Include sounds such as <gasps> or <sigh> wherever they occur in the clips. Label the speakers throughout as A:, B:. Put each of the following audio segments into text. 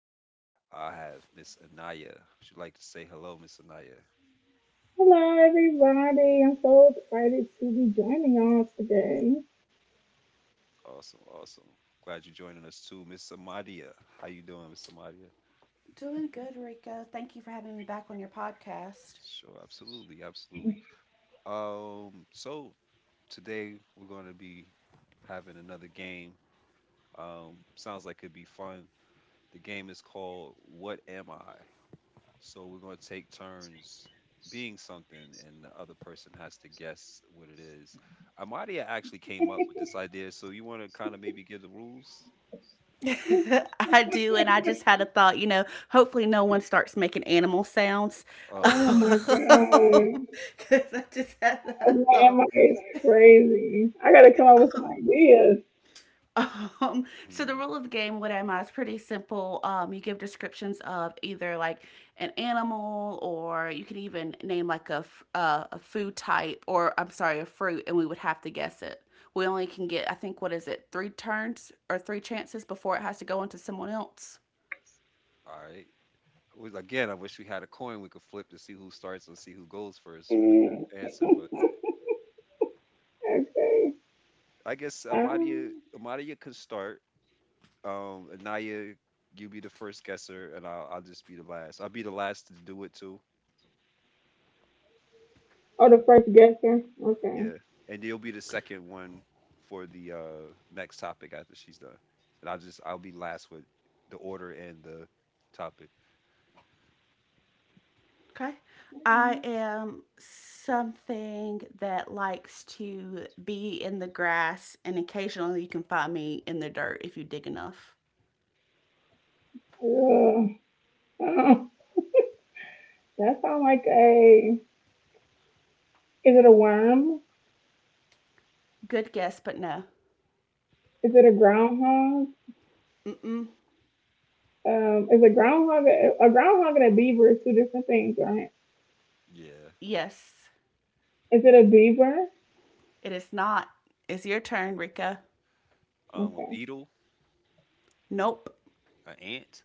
A: me. I have Miss Anaya. Would you like to say hello, Miss Anaya?
B: Hello, everybody. I'm so excited to be joining y'all today.
A: Awesome, awesome. Glad you're joining us too, Miss Amadia. How you doing, Miss Amadia?
C: Doing good, Rico. Thank you for having me back on your podcast.
A: Sure, absolutely, absolutely. So today we're going to be having another game. Sounds like it'd be fun. The game is called What Am I? So we're going to take turns being something, and the other person has to guess what it is. Amadia actually came up with this idea, so you want to kind of maybe give the rules?
C: <laughs> I do, and I just had a thought. Hopefully no one starts making animal sounds, <laughs>
A: Oh
B: Oh
A: Lord.
B: my
C: because
B: god.
C: I just had that thought.
B: Grandma is crazy. I gotta come up with some ideas.
C: <laughs> So the
A: Hmm.
C: rule of the game with Emma is pretty simple. You give descriptions of either like an animal, or you can even name like a food type, or I'm sorry, a fruit, and we would have to guess it. We only can get, I think, what is it, three turns or three chances before it has to go into someone else.
A: All right. Again, I wish we had a coin we could flip to see who starts and see who goes first with
B: Mm,
A: the answer. But
B: okay.
A: I guess Amadia,
B: Um,
A: Amadia can start. Anaya, you be the first guesser, and I'll just be the last. I'll be the last to do it too.
B: oh, the first guesser? Okay.
A: Yeah, and you'll be the second one for the next topic after she's done. And I'll be last with the order and the topic.
C: Okay. I am something that likes to be in the grass, and occasionally you can find me in the dirt if you dig enough.
B: Ugh. Oh, that sounds like a. Is it a worm?
C: Good guess, but no.
B: Is it a groundhog?
C: Mm-mm.
B: Is a groundhog a groundhog and a beaver is two different things, right?
A: Yeah.
C: Yes,
B: Is it a beaver?
C: it is not. It's your turn, Rika.
A: A
B: Okay.
A: beetle,
C: Nope.
A: an ant,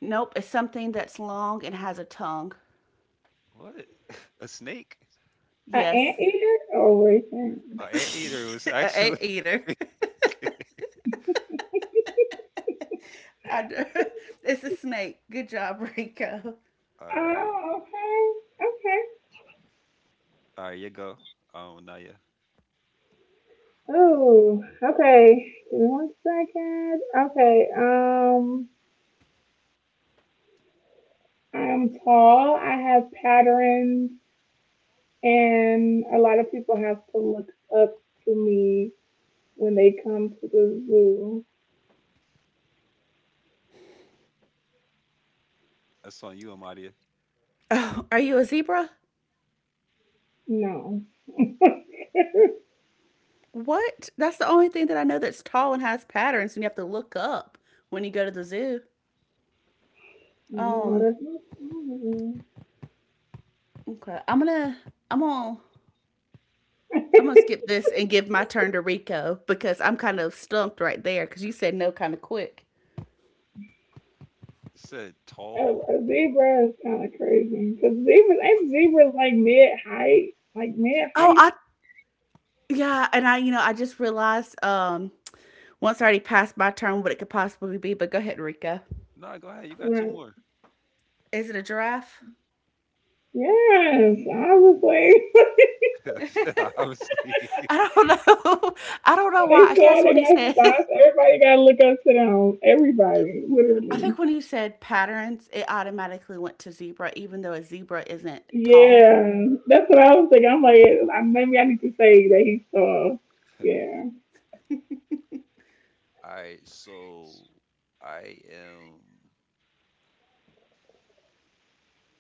C: Nope. It's something that's long and has a tongue.
A: what? <laughs> A snake?
B: An
C: Yes.
B: anteater? Oh, wait a minute.
A: An anteater was
C: <laughs> An ant
A: actually
C: eater.
A: <laughs>
C: <laughs> I- it's a snake. Good job, Rico.
A: All right.
B: Oh, okay. Okay.
A: All right, you go. Naya.
B: Oh, okay. Give me one second. Okay. I'm tall. I have patterns, and a lot of people have to look up to me when they come to the zoo.
A: That's on you, Amadia. It
C: Oh, are you a zebra?
B: No. <laughs>
C: What? That's the only thing that I know that's tall and has patterns, and you have to look up when you go to the zoo.
B: No,
C: Um.
B: that's not true.
C: Okay. I'm gonna.
B: <laughs> a,
C: I'm gonna skip this and give my turn to Rico because I'm kind of stumped right there because you said no kind of quick.
A: said tall.
B: a zebra is kind of crazy because zebras ain't zebras like mid height, like mid
C: Oh,
B: height.
C: I yeah, and I just realized once I already passed my turn what it could possibly be, but go ahead, Rika.
A: No, go ahead. You got two
B: Like,
A: more.
C: Is it a giraffe?
B: yes, obviously. <laughs>
C: <laughs> I
A: <laughs> Obviously.
C: don't know. <laughs> I don't know why.
B: They
C: I
B: saw
C: guess
B: they
C: when you
B: got
C: said <laughs>
B: spots. Everybody got to look up to them. Everybody,
C: I
B: literally.
C: think when you said patterns, it automatically went to zebra, even though a zebra isn't tall.
B: Yeah, that's what I was thinking. I'm like, maybe I need to say that he saw. Yeah.
A: All right, so I am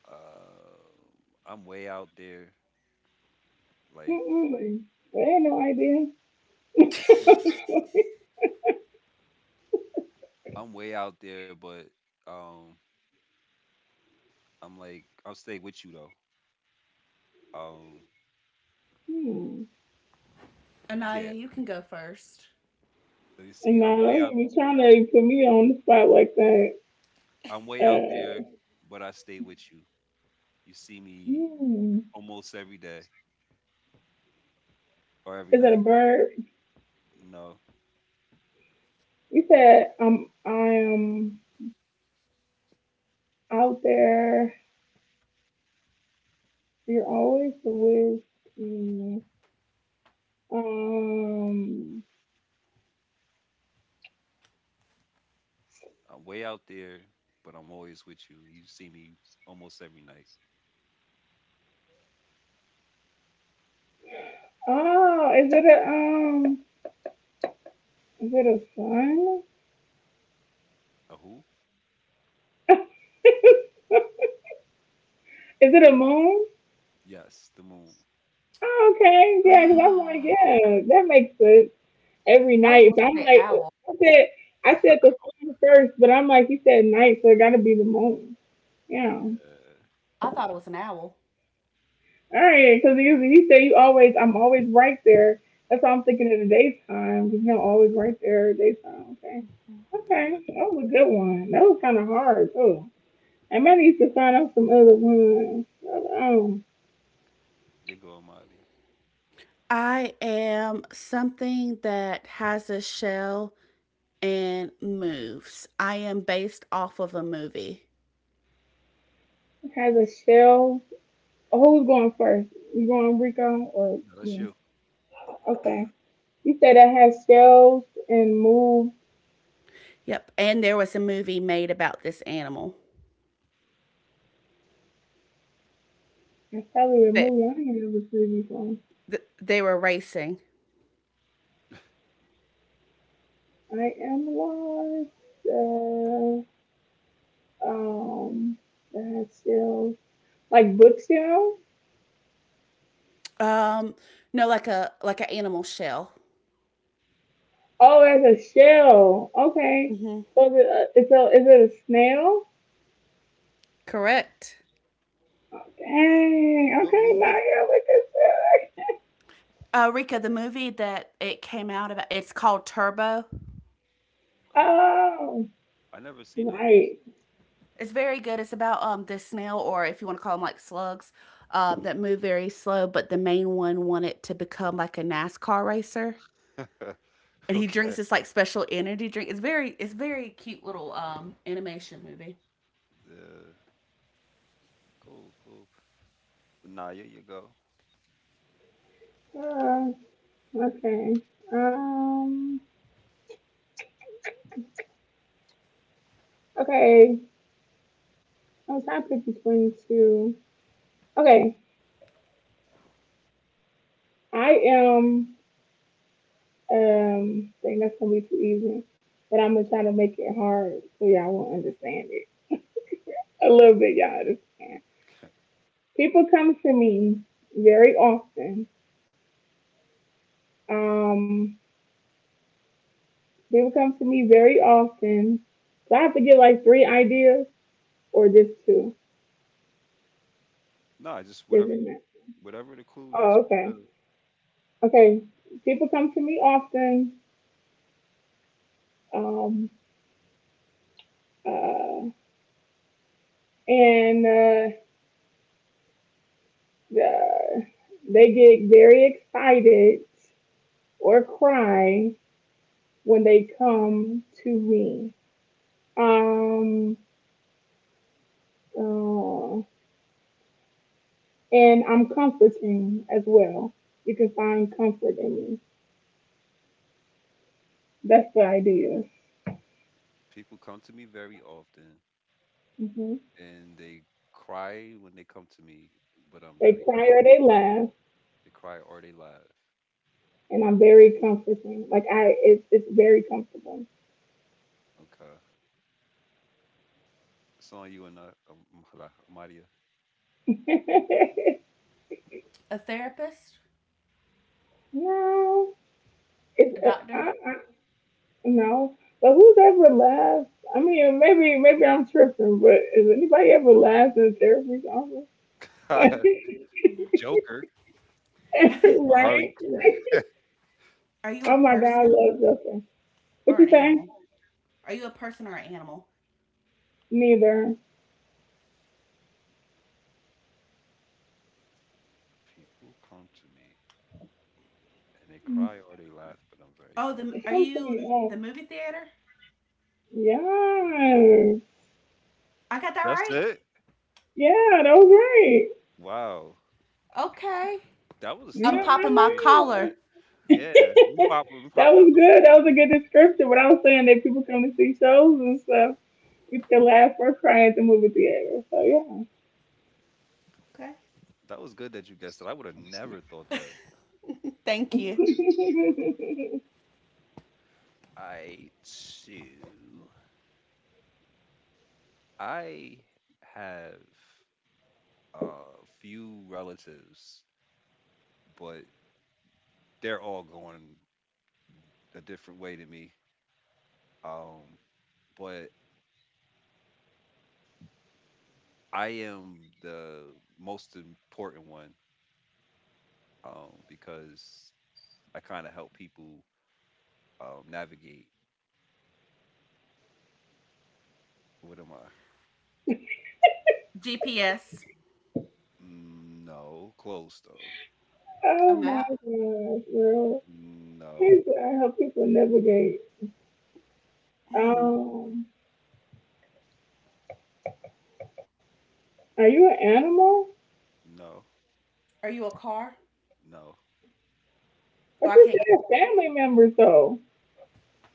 A: uh, I'm way out there. Like
B: Mm-mm. I had no idea.
A: I'm
B: <laughs>
A: I'm way out there, but um, I'm like I'll stay with you though. Um,
B: Hmm.
A: yeah.
C: Anaya, you can go first. <gasps>
A: Let me see.
B: And
A: I'm
B: now
A: way
B: don't
A: out.
B: even be trying to put me on the spot like that.
A: I'm way out
B: Uh,
A: there, but I stay with you. You see me
B: hmm.
A: almost every day or every
B: Is it a
A: night.
B: bird?
A: No,
B: You said I am out there. You're always the with me. Um.
A: I'm way out there, but I'm always with you. You see me almost every night.
B: Oh, is it a? Is it a sun?
A: A who?
B: <laughs> Is it a moon?
A: Yes, the moon.
B: Oh, okay, yeah. Cause I'm like,
C: Ah,
B: yeah, that makes sense every
C: I was
B: night.
C: gonna
B: But I'm
C: say
B: like,
C: owl.
B: I said, I
A: <laughs> yeah,
B: said the sun first, but I'm like, you said night, so it gotta be the moon. Yeah.
C: I thought it was an owl.
B: All right, because you he said you always, I'm always right there. That's why I'm thinking in the daytime, because you're always right there, daytime. Okay.
A: yeah.
B: Okay, that was a good one. That was kind of hard, too. I might need to find out some other ones. Um,
A: You're going, Maria.
C: I am something that has a shell and moves. I am based off of a movie.
B: it has a shell. Oh, who's going first? You going, Rico, or
A: No, that's
B: me?
A: you.
B: Okay. You said that has shells and move.
C: Yep. And there was a movie made about this animal.
B: It's probably a
A: Hmm.
C: That
B: movie I ain't ever seen before.
C: They were racing.
B: I am lost. Uh, Um, that's still like bookshelf.
C: Um no, like a like an animal shell.
B: Oh, that's a shell. Okay.
C: Mm-hmm.
B: So is it a snail?
C: Correct.
B: Dang.
A: What
B: Okay, now
A: movie?
B: you're looking sick.
C: Rika, the movie that it came out about it's called Turbo.
A: Oh,
B: Oh,
A: I never seen it.
B: right.
C: It's very good. It's about this snail, or if you want to call them like slugs, that move very slow, but the main one wanted to become like a NASCAR racer.
A: <laughs>
C: And he drinks
A: Okay.
C: this like special energy drink. It's very cute little animation movie.
A: Yeah. Cool, cool. Nah, here you go.
B: Uh, okay. Um. Okay. I was trying to pick between two. Okay. I am. I think that's gonna be too easy. But I'm gonna try to make it hard so y'all will understand it a little bit. Y'all understand. People come to me very often. Um, people come to me very often. So I have to get like three ideas or just two.
A: Nah, just whatever
B: Doesn't
A: you,
B: matter.
A: Whatever the clue that
B: Oh,
A: you
B: okay.
A: do.
B: Okay. People come to me often. Um, uh, and the, they get very excited or cry when they come to me. Um, uh, And I'm comforting as well. You can find comfort in me. That's the idea.
A: People come to me very often,
B: Hmm.
A: and they cry when they come to me, but I'm
B: They
A: very
B: cry
A: comfortable.
B: or they laugh,
A: They cry or they laugh.
B: and I'm very comforting. Like it's very comfortable.
A: Okay. It's on you and not hala- I'm outta
B: <laughs>
C: A therapist,
B: No, it's
C: a doctor.
B: no. But who's ever laughed? I mean, maybe I'm tripping, but has anybody ever laughed in therapy office?
A: here.
B: <laughs>
A: <laughs> Joker
C: <laughs>
A: or Harley.
B: Right?
C: Are you a
B: Oh my God, I
C: person
B: love Justin. What
C: or an
B: you say?
C: animal? Are you a person or an animal?
B: Neither.
A: People come to me and they cry
B: It
A: or they laugh, but I'm very
C: Oh, the
A: comfortable.
B: comes
C: are
B: to me.
C: you
B: No.
C: the movie theater?
B: Yeah.
C: I got that
A: That's
C: right.
A: it.
B: Yeah, that was right.
A: Wow.
C: Okay.
A: That was
B: Yeah,
C: I'm
A: tough
B: I
A: like,
C: popping
A: for
C: my
A: you to get that.
C: collar.
B: know. <laughs>
A: Yeah, we popped
B: That
A: the
B: was
A: other one
B: good. That was
A: for
B: a
A: you.
B: good description. What I was saying that people come to see shows and stuff. It's the laugh or cry at the movie theater. So yeah.
C: Okay.
A: That was good that you guessed it. I would have never thought that.
C: Thank you.
B: <laughs>
A: I too. I have a few relatives, but they're all going a different way to me. Um, but I am the most important one because I kind of help people navigate. What am I?
C: GPS,
A: No, close though.
C: a
B: Oh my
C: map.
B: gosh, girl.
A: No,
B: Here's what I help people navigate.
C: Mm.
B: Um, are you an animal?
A: no,
C: Are you a car?
A: no.
C: Oh, I
B: But you
C: can't get.
B: said a family members though.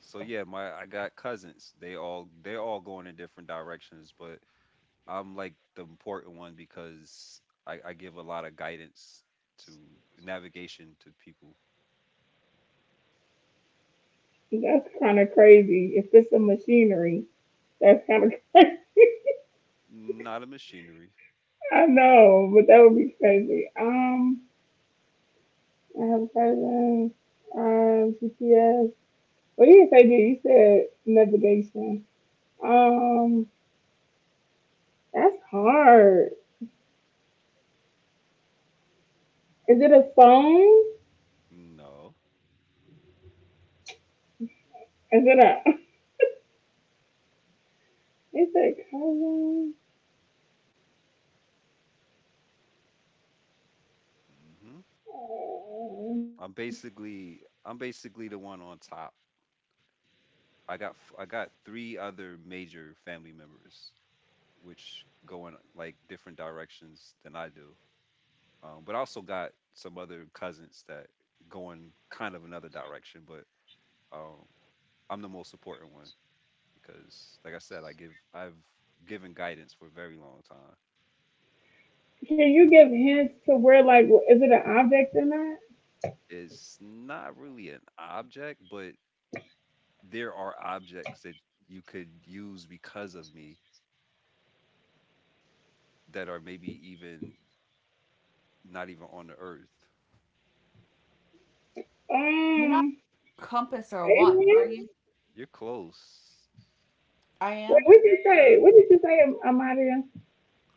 A: So yeah, my I got cousins. They all going in different directions, but I'm like the important one because I give a lot of guidance to navigation to people.
B: That's kind of crazy. If it's a machinery, that's kind of <laughs>
A: Not a machinery.
B: I know, but that would be crazy. I have a cousin, GPS. Well, you didn't say that. You said navigation. Um, that's hard. Is it a phone?
A: No.
B: Is it a? <laughs> Is it cousin?
A: Hmm.
B: Uh,
A: I'm basically the one on top. I got three other major family members which go in like different directions than I do. But I also got some other cousins that go in kind of another direction, but um, I'm the most important one because, like I said, I've given guidance for a very long time.
B: can you give hints to where, like, is it an object or not?
A: It's not really an object, but there are objects that you could use because of me that are maybe even not even on the earth.
C: You're not
B: Um,
C: a compass or a watch,
B: alien?
C: are you?
A: You're close.
C: I
B: Wait,
C: am.
B: what did you
A: Yeah,
B: say? What did you say, Amadia?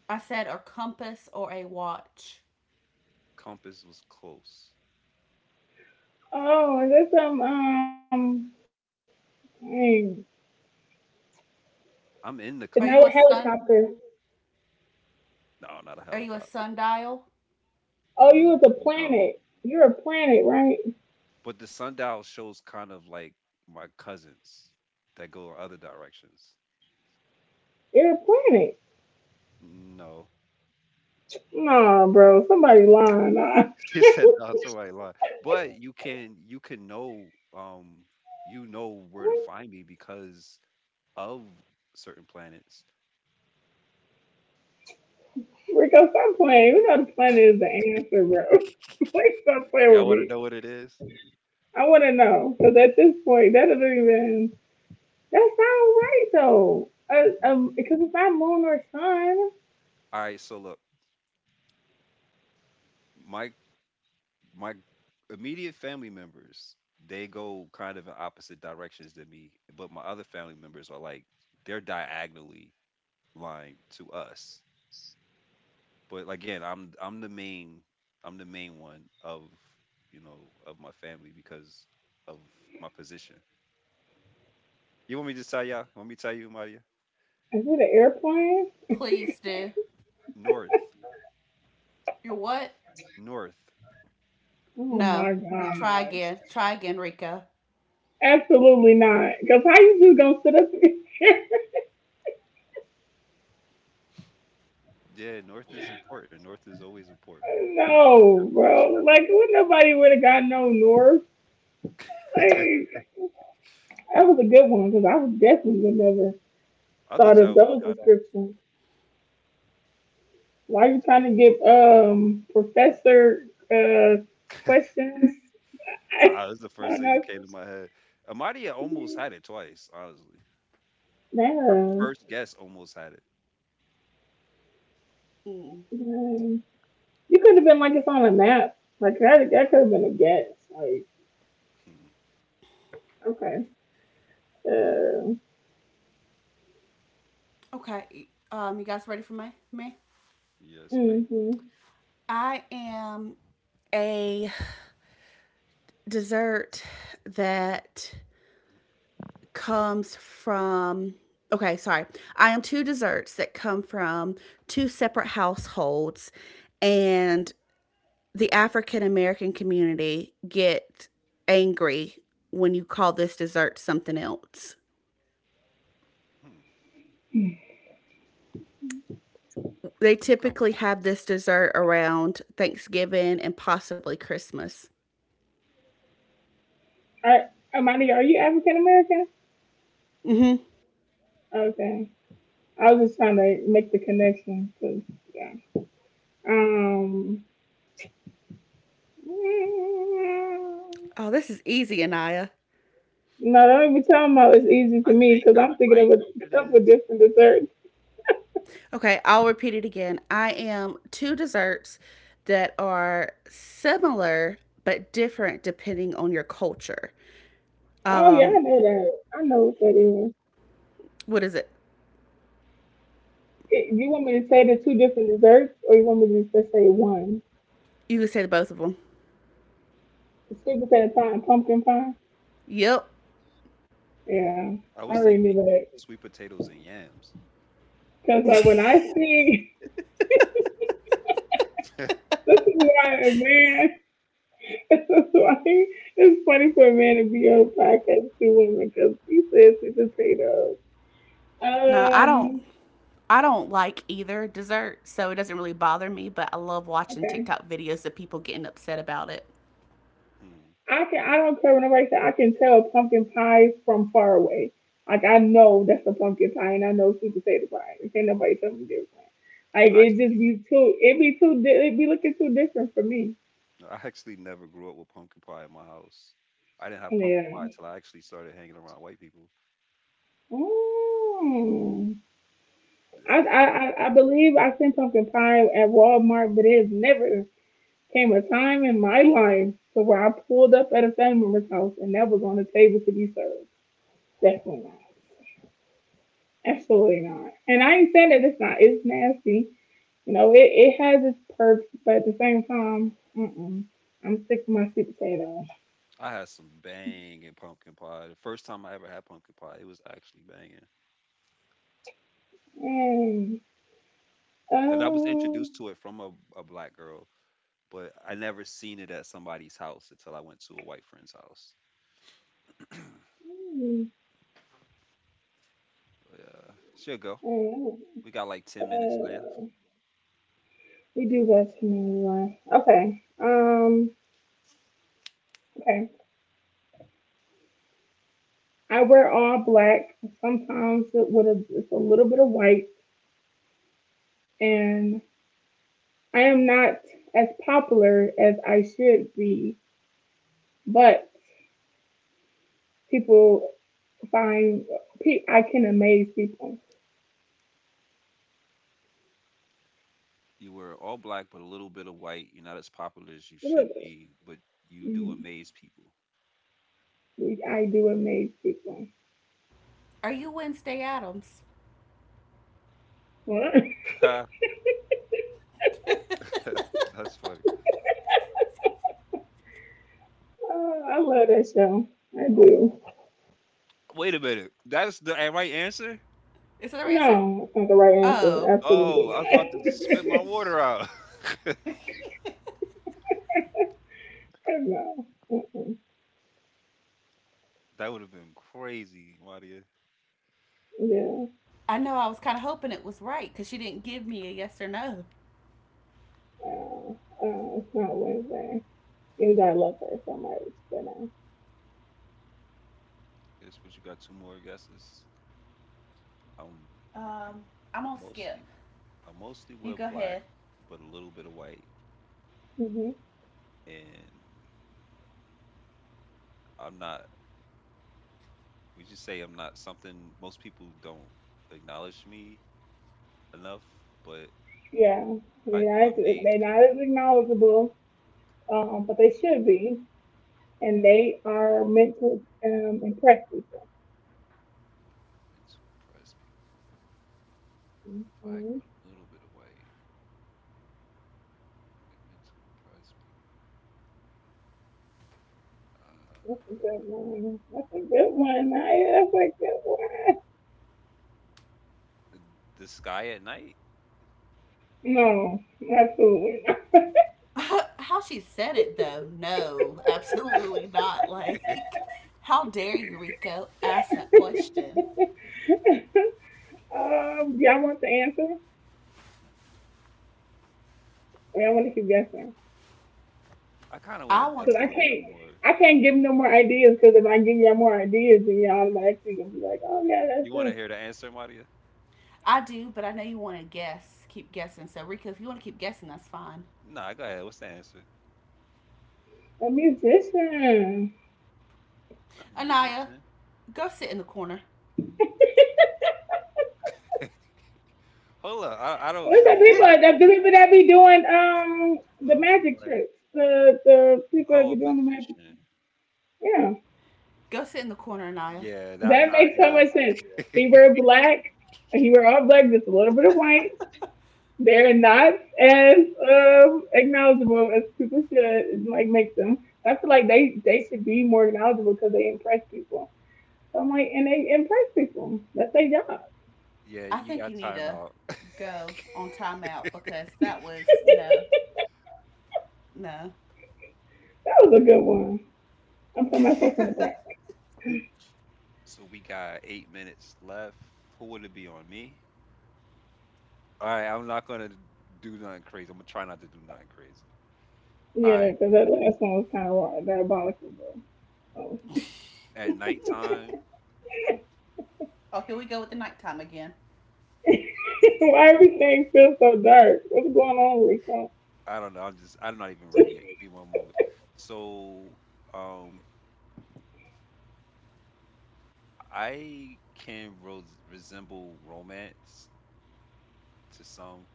C: I said a compass or a watch.
A: compass was close.
B: Oh, is this some? Dang,
A: I'm in the
B: it's
C: Are
B: not
C: you
A: compass.
C: a
B: a
C: sun?
B: helicopter.
A: No, not a
C: Are you a
A: helicopter.
C: sundial?
B: Oh, you was
A: N-
B: a
A: No,
B: planet. You're a planet, right?
A: but the sundial shows kind of like my cousins that go in other directions.
B: You're a planet.
A: No.
B: Nah, bro. Somebody lying. Nah.
A: <laughs> He said no, somebody lied. But you can know um you know where to find
B: <laughs>
A: me because of certain planets.
B: Rico, stop playing. We know the planet is the answer, bro. <laughs>
A: <laughs>
B: Please stop playing with
A: Y'all wanna
B: me.
A: know what it is?
B: I want to know. Because at this point, that doesn't even... That sounds right, though. Because it's not moon or sun.
A: All right, so look, my my immediate family members, they go kind of in opposite directions than me, but my other family members are like they're diagonally lying to us. But again, I'm the main one of you know of my family because of my position. You want me to tell y'all? Want me to tell you, Maria?
B: Is it an airplane?
C: Please do.
A: North,
C: You're what?
A: north.
B: Oh,
C: No.
B: my
C: Try
B: gosh.
C: again. Try again, Rico.
B: Absolutely not. Because how you just going to sit up here? <laughs>
A: Yeah, north is important. North is always important.
B: No,
A: Navigation.
B: bro. Like, would nobody would have got no north? Hey, that was a good one because I was definitely would never
A: I thought
B: thought
A: y'all
B: of those
A: got it.
B: descriptions. Why are you trying to give professor uh questions? <laughs> I
A: Ah, that's the first
B: don't
A: thing that
B: know.
A: came to my head. Amadia almost had it twice, honestly. Her
B: No,
A: first guess almost had it.
C: Mm.
B: no. You could have been like it's on a map. Like that, that could have been a guess. Like
A: Hmm.
B: okay. Uh,
C: Okay. You guys ready for my me?
A: Yes, ma'am.
B: mm-hmm.
C: I am a dessert that comes from. Okay, sorry. I am two desserts that come from two separate households, and the African American community get angry when you call this dessert something else.
A: Hmm.
C: They
A: You come.
C: typically have this dessert around Thanksgiving and possibly Christmas.
B: I, Amani, are you African American?
C: Mm-hmm.
B: Okay. I was just trying to make the connection because yeah. Um.
C: Oh, this is easy, Anaya.
B: No, don't be talking about it's easy to
A: I
B: me
A: think
B: because
A: I
B: I'm thinking of
A: might know
B: a
A: what
B: <laughs>
A: it
B: couple
A: is.
B: different desserts.
C: Okay, I'll repeat it again. I am two desserts that are similar but different depending on your culture.
B: Oh yeah, I
C: Um,
B: know that. I know what that is.
C: what is it?
B: You want me to say the two different desserts, or you want me to just say one?
C: You can say both of them.
B: The sweet potato pie and pumpkin pie.
C: Yep.
A: Mm.
B: Yeah,
A: I
B: I
A: was
B: already knew
A: thinking
B: that.
A: sweet potatoes and yams.
B: Cause like when I see,
A: <laughs>
B: <laughs> this is why a man. <laughs> This is why it's funny for a man to be on a podcast with two women because he says sweet potato.
C: No, I don't.
B: Um.
C: I don't like either dessert, so it doesn't really bother me, but I love watching
B: Okay.
C: TikTok videos of people getting upset about it.
A: Hmm.
B: I can I don't care what nobody said. I can tell pumpkin pie from far away. Like I know that's a pumpkin pie, and I know sweet potato pie. And can't nobody tell me different. Like
A: I
B: it just
A: actually,
B: be too. It be too. It be looking too different for me.
A: I actually never grew up with pumpkin pie in my house. I didn't have pumpkin
B: Yeah.
A: pie till I actually started hanging around white people.
B: Mm.
A: Yeah,
B: I believe I seen pumpkin pie at Walmart, but it has never came a time in my life to where I pulled up at a family member's house and that was on the table to be served. Definitely not. Absolutely not. And I ain't saying that it's not. It's nasty. You know, it has its perks, but at the same time, mm-mm, I'm sick of my sweet potato.
A: I had some banging pumpkin pie. The first time I ever had pumpkin pie, it was actually banging,
B: Mm.
A: and I was
B: Um,
A: introduced to it from a black girl, but I never seen it at somebody's house until I went to a white friend's house.
B: mm,
A: But she'll go.
B: mm,
A: We got like 10 minutes left.
B: uh, we do best for me anyway. Okay. Okay. I wear all black. Sometimes it with a, it's a little bit of white, and I am not as popular as I should be, but people find I can amaze people.
A: You were all black but a little bit of white. You're not as popular as you should
B: Look at this.
A: be, but you do
B: Mm-hmm.
A: amaze people.
B: I do amaze people.
C: Are you Wednesday Adams?
B: What?
A: <laughs> That's funny.
B: I love that show. I do.
A: Wait a minute. That's the right answer?
C: Is that the right answer?
B: No, that's not the right answer.
C: Oh,
A: Oh,
B: Absolutely
A: I was
B: not.
A: about to spit my water out. <laughs>
B: <laughs> No. Mm-mm.
A: That would have been crazy, Maria.
B: Yeah.
C: I know I was kind of hoping it was right because she didn't give me a yes or no.
B: It's not Wednesday. Because I love her so much. But no.
A: Guess what? You got two more guesses. I'm
C: Um, I'm gonna skip.
A: mostly I mostly
C: You
A: wear
C: go
A: black,
C: ahead.
A: but a little bit of white,
B: Hmm.
A: and I'm not. We just say I'm not something most people don't acknowledge me enough, but
B: Yeah.
A: I
B: They're
A: do
B: not,
A: amaze
B: they're
A: people.
B: not as acknowledgeable, but they should be. And they are meant to impress people.
A: I'm meant to impress people. Black
B: Mhm.
A: with a little bit of white. They're meant to impress people. Uh,
B: That's a good one. That's a good one, Naya. That's a good one.
A: the sky at night.
B: No, absolutely not.
C: <laughs> How she said it though, no, absolutely not. <laughs>
A: <laughs>
C: Like, how dare you, Rico, ask that question?
B: <laughs> Do y'all want the answer? Or y'all want to keep guessing?
A: I kind of want
C: I
A: to
C: want,
B: Because
A: guess a little bit more.
B: I can't give no more ideas. Because if I give y'all more ideas, then y'all automatically gonna be like, oh yeah, that's
A: You want to
B: this,
A: hear the answer, Maria?
C: I do, but I know you want to guess, keep guessing. So, Rico, if you want to keep guessing, that's fine.
A: Nah, go ahead. What's the answer?
B: a musician.
A: A
C: Anaya,
A: musician.
C: go sit in the corner.
A: <laughs> Hold up. I don't.
B: What's the
A: I'm
C: Yeah.
A: black.
B: people? The people that be doing the
A: Little bit of
B: magic
A: white.
B: tricks. The people that
A: Oh,
B: be
A: a
B: doing the magic.
A: magician.
B: Yeah,
C: Go sit in the corner, Anaya.
A: Yeah, that.
B: that
A: I,
B: makes so much
A: yeah.
B: sense. He wear black. He wear all black, just a little bit of white they're not as acknowledgeable as people should like make them. I feel like they should be more acknowledgeable because they impress people. So I'm like, and they impress people. That's their job.
A: <laughs> Yeah,
C: I
A: you
C: think
A: got
C: you need
A: time
C: to
A: out. <laughs>
C: go on timeout because that was no,
B: <laughs>
C: no.
B: That was a good one. I'm putting myself on the back.
C: <laughs>
A: So we got 8 minutes left. Who would it be on me? All right, I'm not gonna do nothing crazy. I'm gonna try not to do nothing crazy. All
B: Yeah,
A: right,
B: because that last one was kind of diabolical, bro. So.
A: at nighttime,
C: Oh, here we go with the nighttime again.
B: <laughs> Why everything feels so dark? What's going on, Rico?
A: I don't know. I'm just I'm not even ready yet. Give me one moment. So, um, I can ros- resemble romance to some,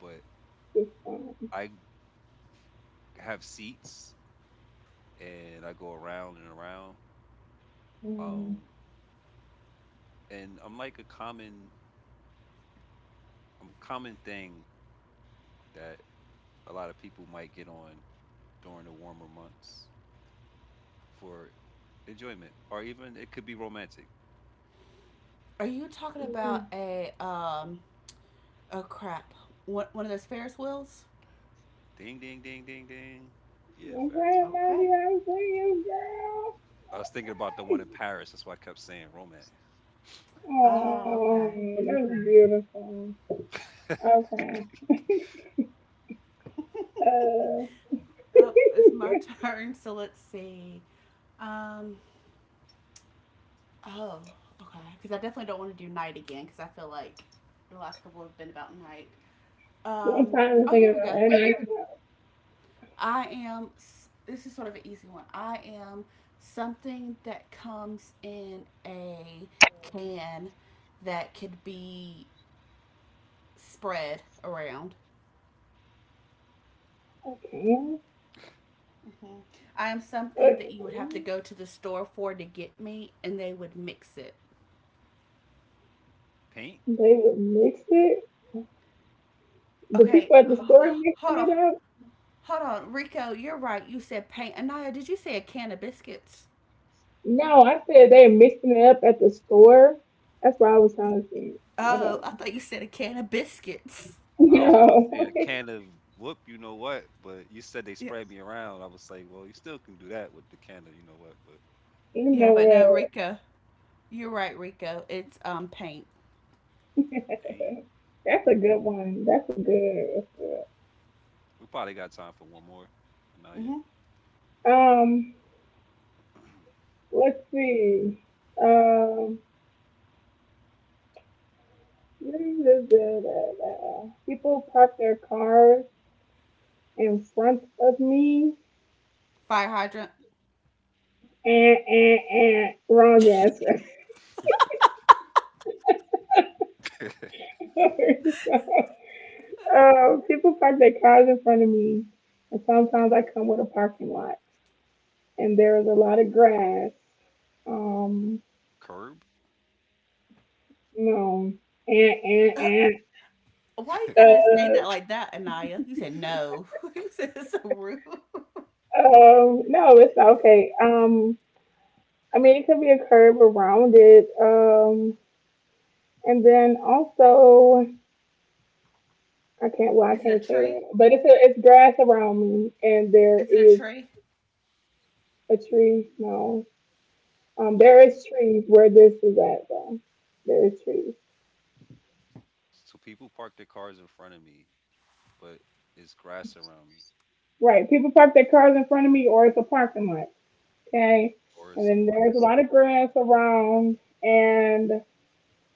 A: but
B: This time.
A: I have seats and I go around and around.
B: Mm.
A: Um, and I'm a common thing that a lot of people might get on during the warmer months for enjoyment, or even it could be romantic.
C: Are you talking about
B: Mm.
C: a um oh crap. One of those Ferris wheels?
A: Ding, ding, ding, ding, ding. Yeah, Ferris.
B: Okay,
C: Okay.
B: Mandy, I'm saying, girl.
A: I was thinking about the one in
B: Okay.
A: Paris. That's why I kept saying romance.
C: Oh,
B: Oh,
C: okay.
B: that's beautiful. Okay. Uh,
C: Up it's my <laughs>
B: <laughs>
C: turn, so let's see. Um oh, okay. Cuz I definitely don't want to do night again cuz I feel like the last couple have been about night.
B: I'm
C: Um,
B: trying to
C: oh,
B: think
C: here we
B: about
C: go.
B: any.
C: I am, this is sort of an easy one. I am something that comes in a can that could be spread around.
B: Okay.
C: hmm I am something
B: Okay.
C: that you would have to go to the store for to get me, and they would mix it.
A: Paint.
B: They would mix it. The
C: Okay,
B: people at the
C: h-
B: store mixing
C: hold on.
B: it up.
C: Hold on, Rico, you're right. You said paint. Anaya, did you say a can of biscuits?
B: No, I said they're mixing it up at the store. That's what I was trying to say. I
C: Oh, I
B: don't
C: thought you said a can of biscuits.
A: I was gonna
B: know.
A: say a
B: <laughs>
A: can of whoop, you know what? But you said they
C: Yeah,
A: sprayed me around. I was like, well, you still can do that with the can of, you know what? But
B: You
C: yeah,
B: know
C: but no,
B: what?
C: Rico. You're right, Rico. It's paint.
B: <laughs>
A: paint.
B: That's a good one. That's a good. That's
A: We probably got time for one more. Anaya.
C: Mm-hmm.
B: good.
A: <laughs>
B: Let's see. Um. People park their cars in front of me.
C: Fire hydrant.
B: And wrong answer. <laughs>
A: <clears throat>
B: People park their cars in front of me, and sometimes I come with a parking lot, and there is a lot of grass. Um,
A: Curb.
B: no, and
C: <laughs> Why you gotta <laughs> say
B: uh,
C: that like that, Anaya? You said no. <laughs> You said it's so rude.
B: no, it's not okay. I mean, it could be a curb around it. And then also. I can't. Well, I
C: Is it a
B: can't say
C: tree?
B: that. But it's grass around me, and there
C: Is it a
B: is
C: tree?
B: a tree. No, there is trees where this is at though. There is trees.
A: So people park their cars in front of me, but it's grass around me,
B: Right. People park their cars in front of me, or it's a parking lot. Okay.
A: or
B: And
A: it's a
B: then
A: park.
B: there's a lot of grass around, and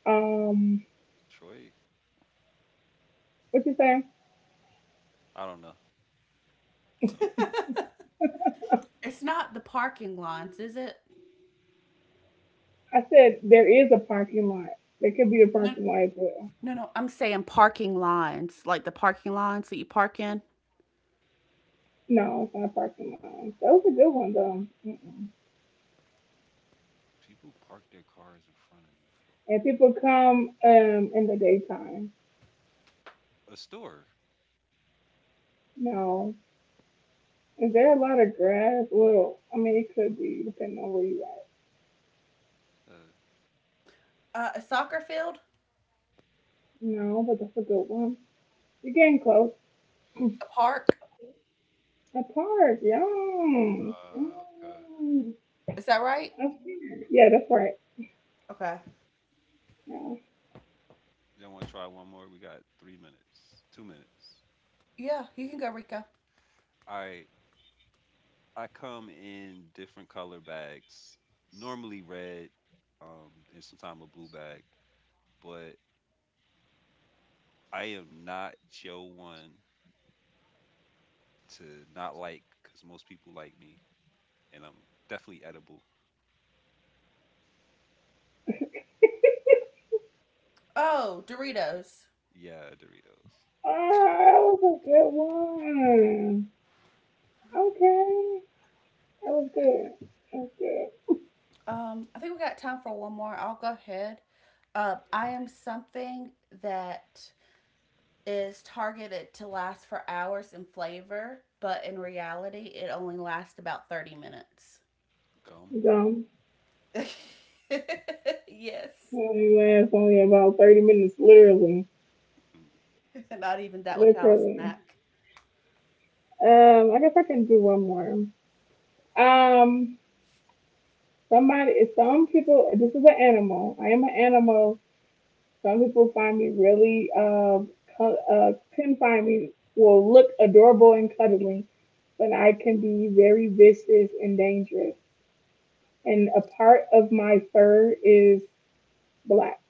B: um,
A: Detroit.
B: what you say?
A: I don't know. I don't know.
C: It's not the parking lines, is it?
B: I said there is a parking lot. There could be a
C: No,
B: parking lot as well.
C: no, no. I'm saying parking lines, like the parking lines that you park in.
B: No, it's not a parking lot. That was a good one though. Mm-mm.
A: People park their cars in front of me.
B: And people come in the daytime.
A: A store.
B: No, is there a lot of grass? Well, I mean, it could be depending on where you at.
A: Uh,
C: A soccer field,
B: No, but that's a good one. You're getting close.
C: a park.
B: A park, yum.
A: Uh, okay.
B: Yum.
C: Is that right?
B: That's- Yeah, that's right.
C: Okay.
B: Yeah.
A: Y'all want to try one more? We got 3 minutes, 2 minutes.
C: Yeah, you can go, Rico.
A: I I come in different color bags. Normally red, and sometimes a blue bag. But I am not your one to not like, cause most people like me, and I'm definitely edible.
C: Oh, Doritos.
A: Yeah, Doritos,
B: Oh, that was a good one. Okay, that was good. That was good.
C: I think we got time for one more. I'll go ahead. I am something that is targeted to last for hours in flavor, but in reality, it only lasts about 30 minutes.
A: gum,
B: Dumb.
C: <laughs> Yes.
B: Only lasts only about 30 minutes, literally,
A: <laughs>
C: Not even that with house
B: literally.
C: snack.
B: I guess I can do one more. Um, Somebody, some people. This is an animal. I am an animal. Some people find me really can find me will look adorable and cuddly, but I can be very vicious and dangerous. And a part of my fur is black.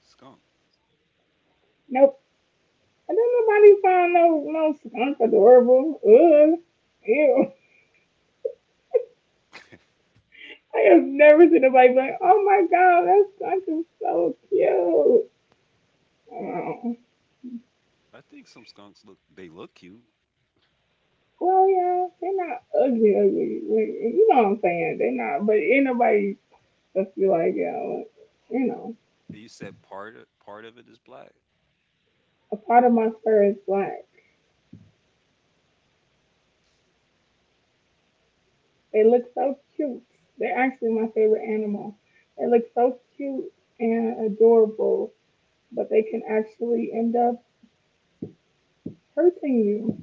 A: skunk.
B: Nope. I don't nobody find no no skunk adorable. Ugh. Ew. I have never seen nobody like, oh my god, that skunk is so cute. Oh.
A: I think some skunks look they look cute.
B: Well, yeah, they're not ugly, ugly. Like, you know what I'm saying? They're not. But ain't nobody supposed be like, yo, you know,
A: You said part of it is black.
B: a part of my fur is black. They look so cute. They're actually my favorite animal. They look so cute and adorable, but they can actually end up hurting you.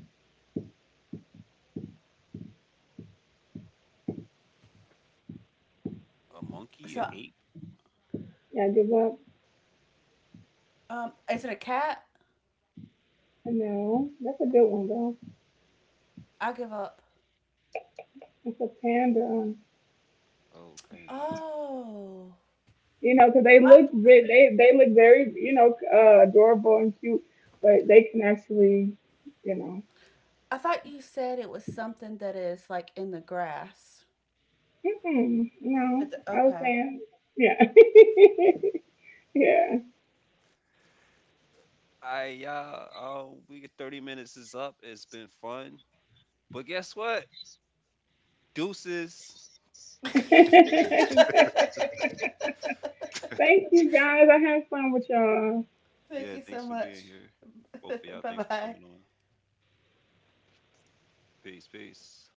A: A monkey, a
C: So,
A: ape.
B: Yeah, give up.
C: is it a cat?
B: No, that's a good one though.
C: I give up.
B: It's a panda.
A: Oh, panda.
C: Oh.
B: 'Cause they
C: I,
B: look
C: th-
B: they look very adorable and cute, but they can actually you know
C: I thought you said it was something that is like in the grass.
B: mm-mm, no, I was
C: Okay.
B: saying yeah <laughs>
A: Mm.
B: yeah.
A: I yeah. Oh, we 30 minutes is up. It's been fun, but guess what? Deuces.
C: <laughs>
B: <laughs> Thank you guys. I had fun with y'all.
C: Thank
A: Yeah,
C: you so
A: thanks for
C: much.
A: being here,
C: <laughs>
A: both of y'all.
C: Bye
A: Thanks for
C: bye.
A: coming on. Peace, peace.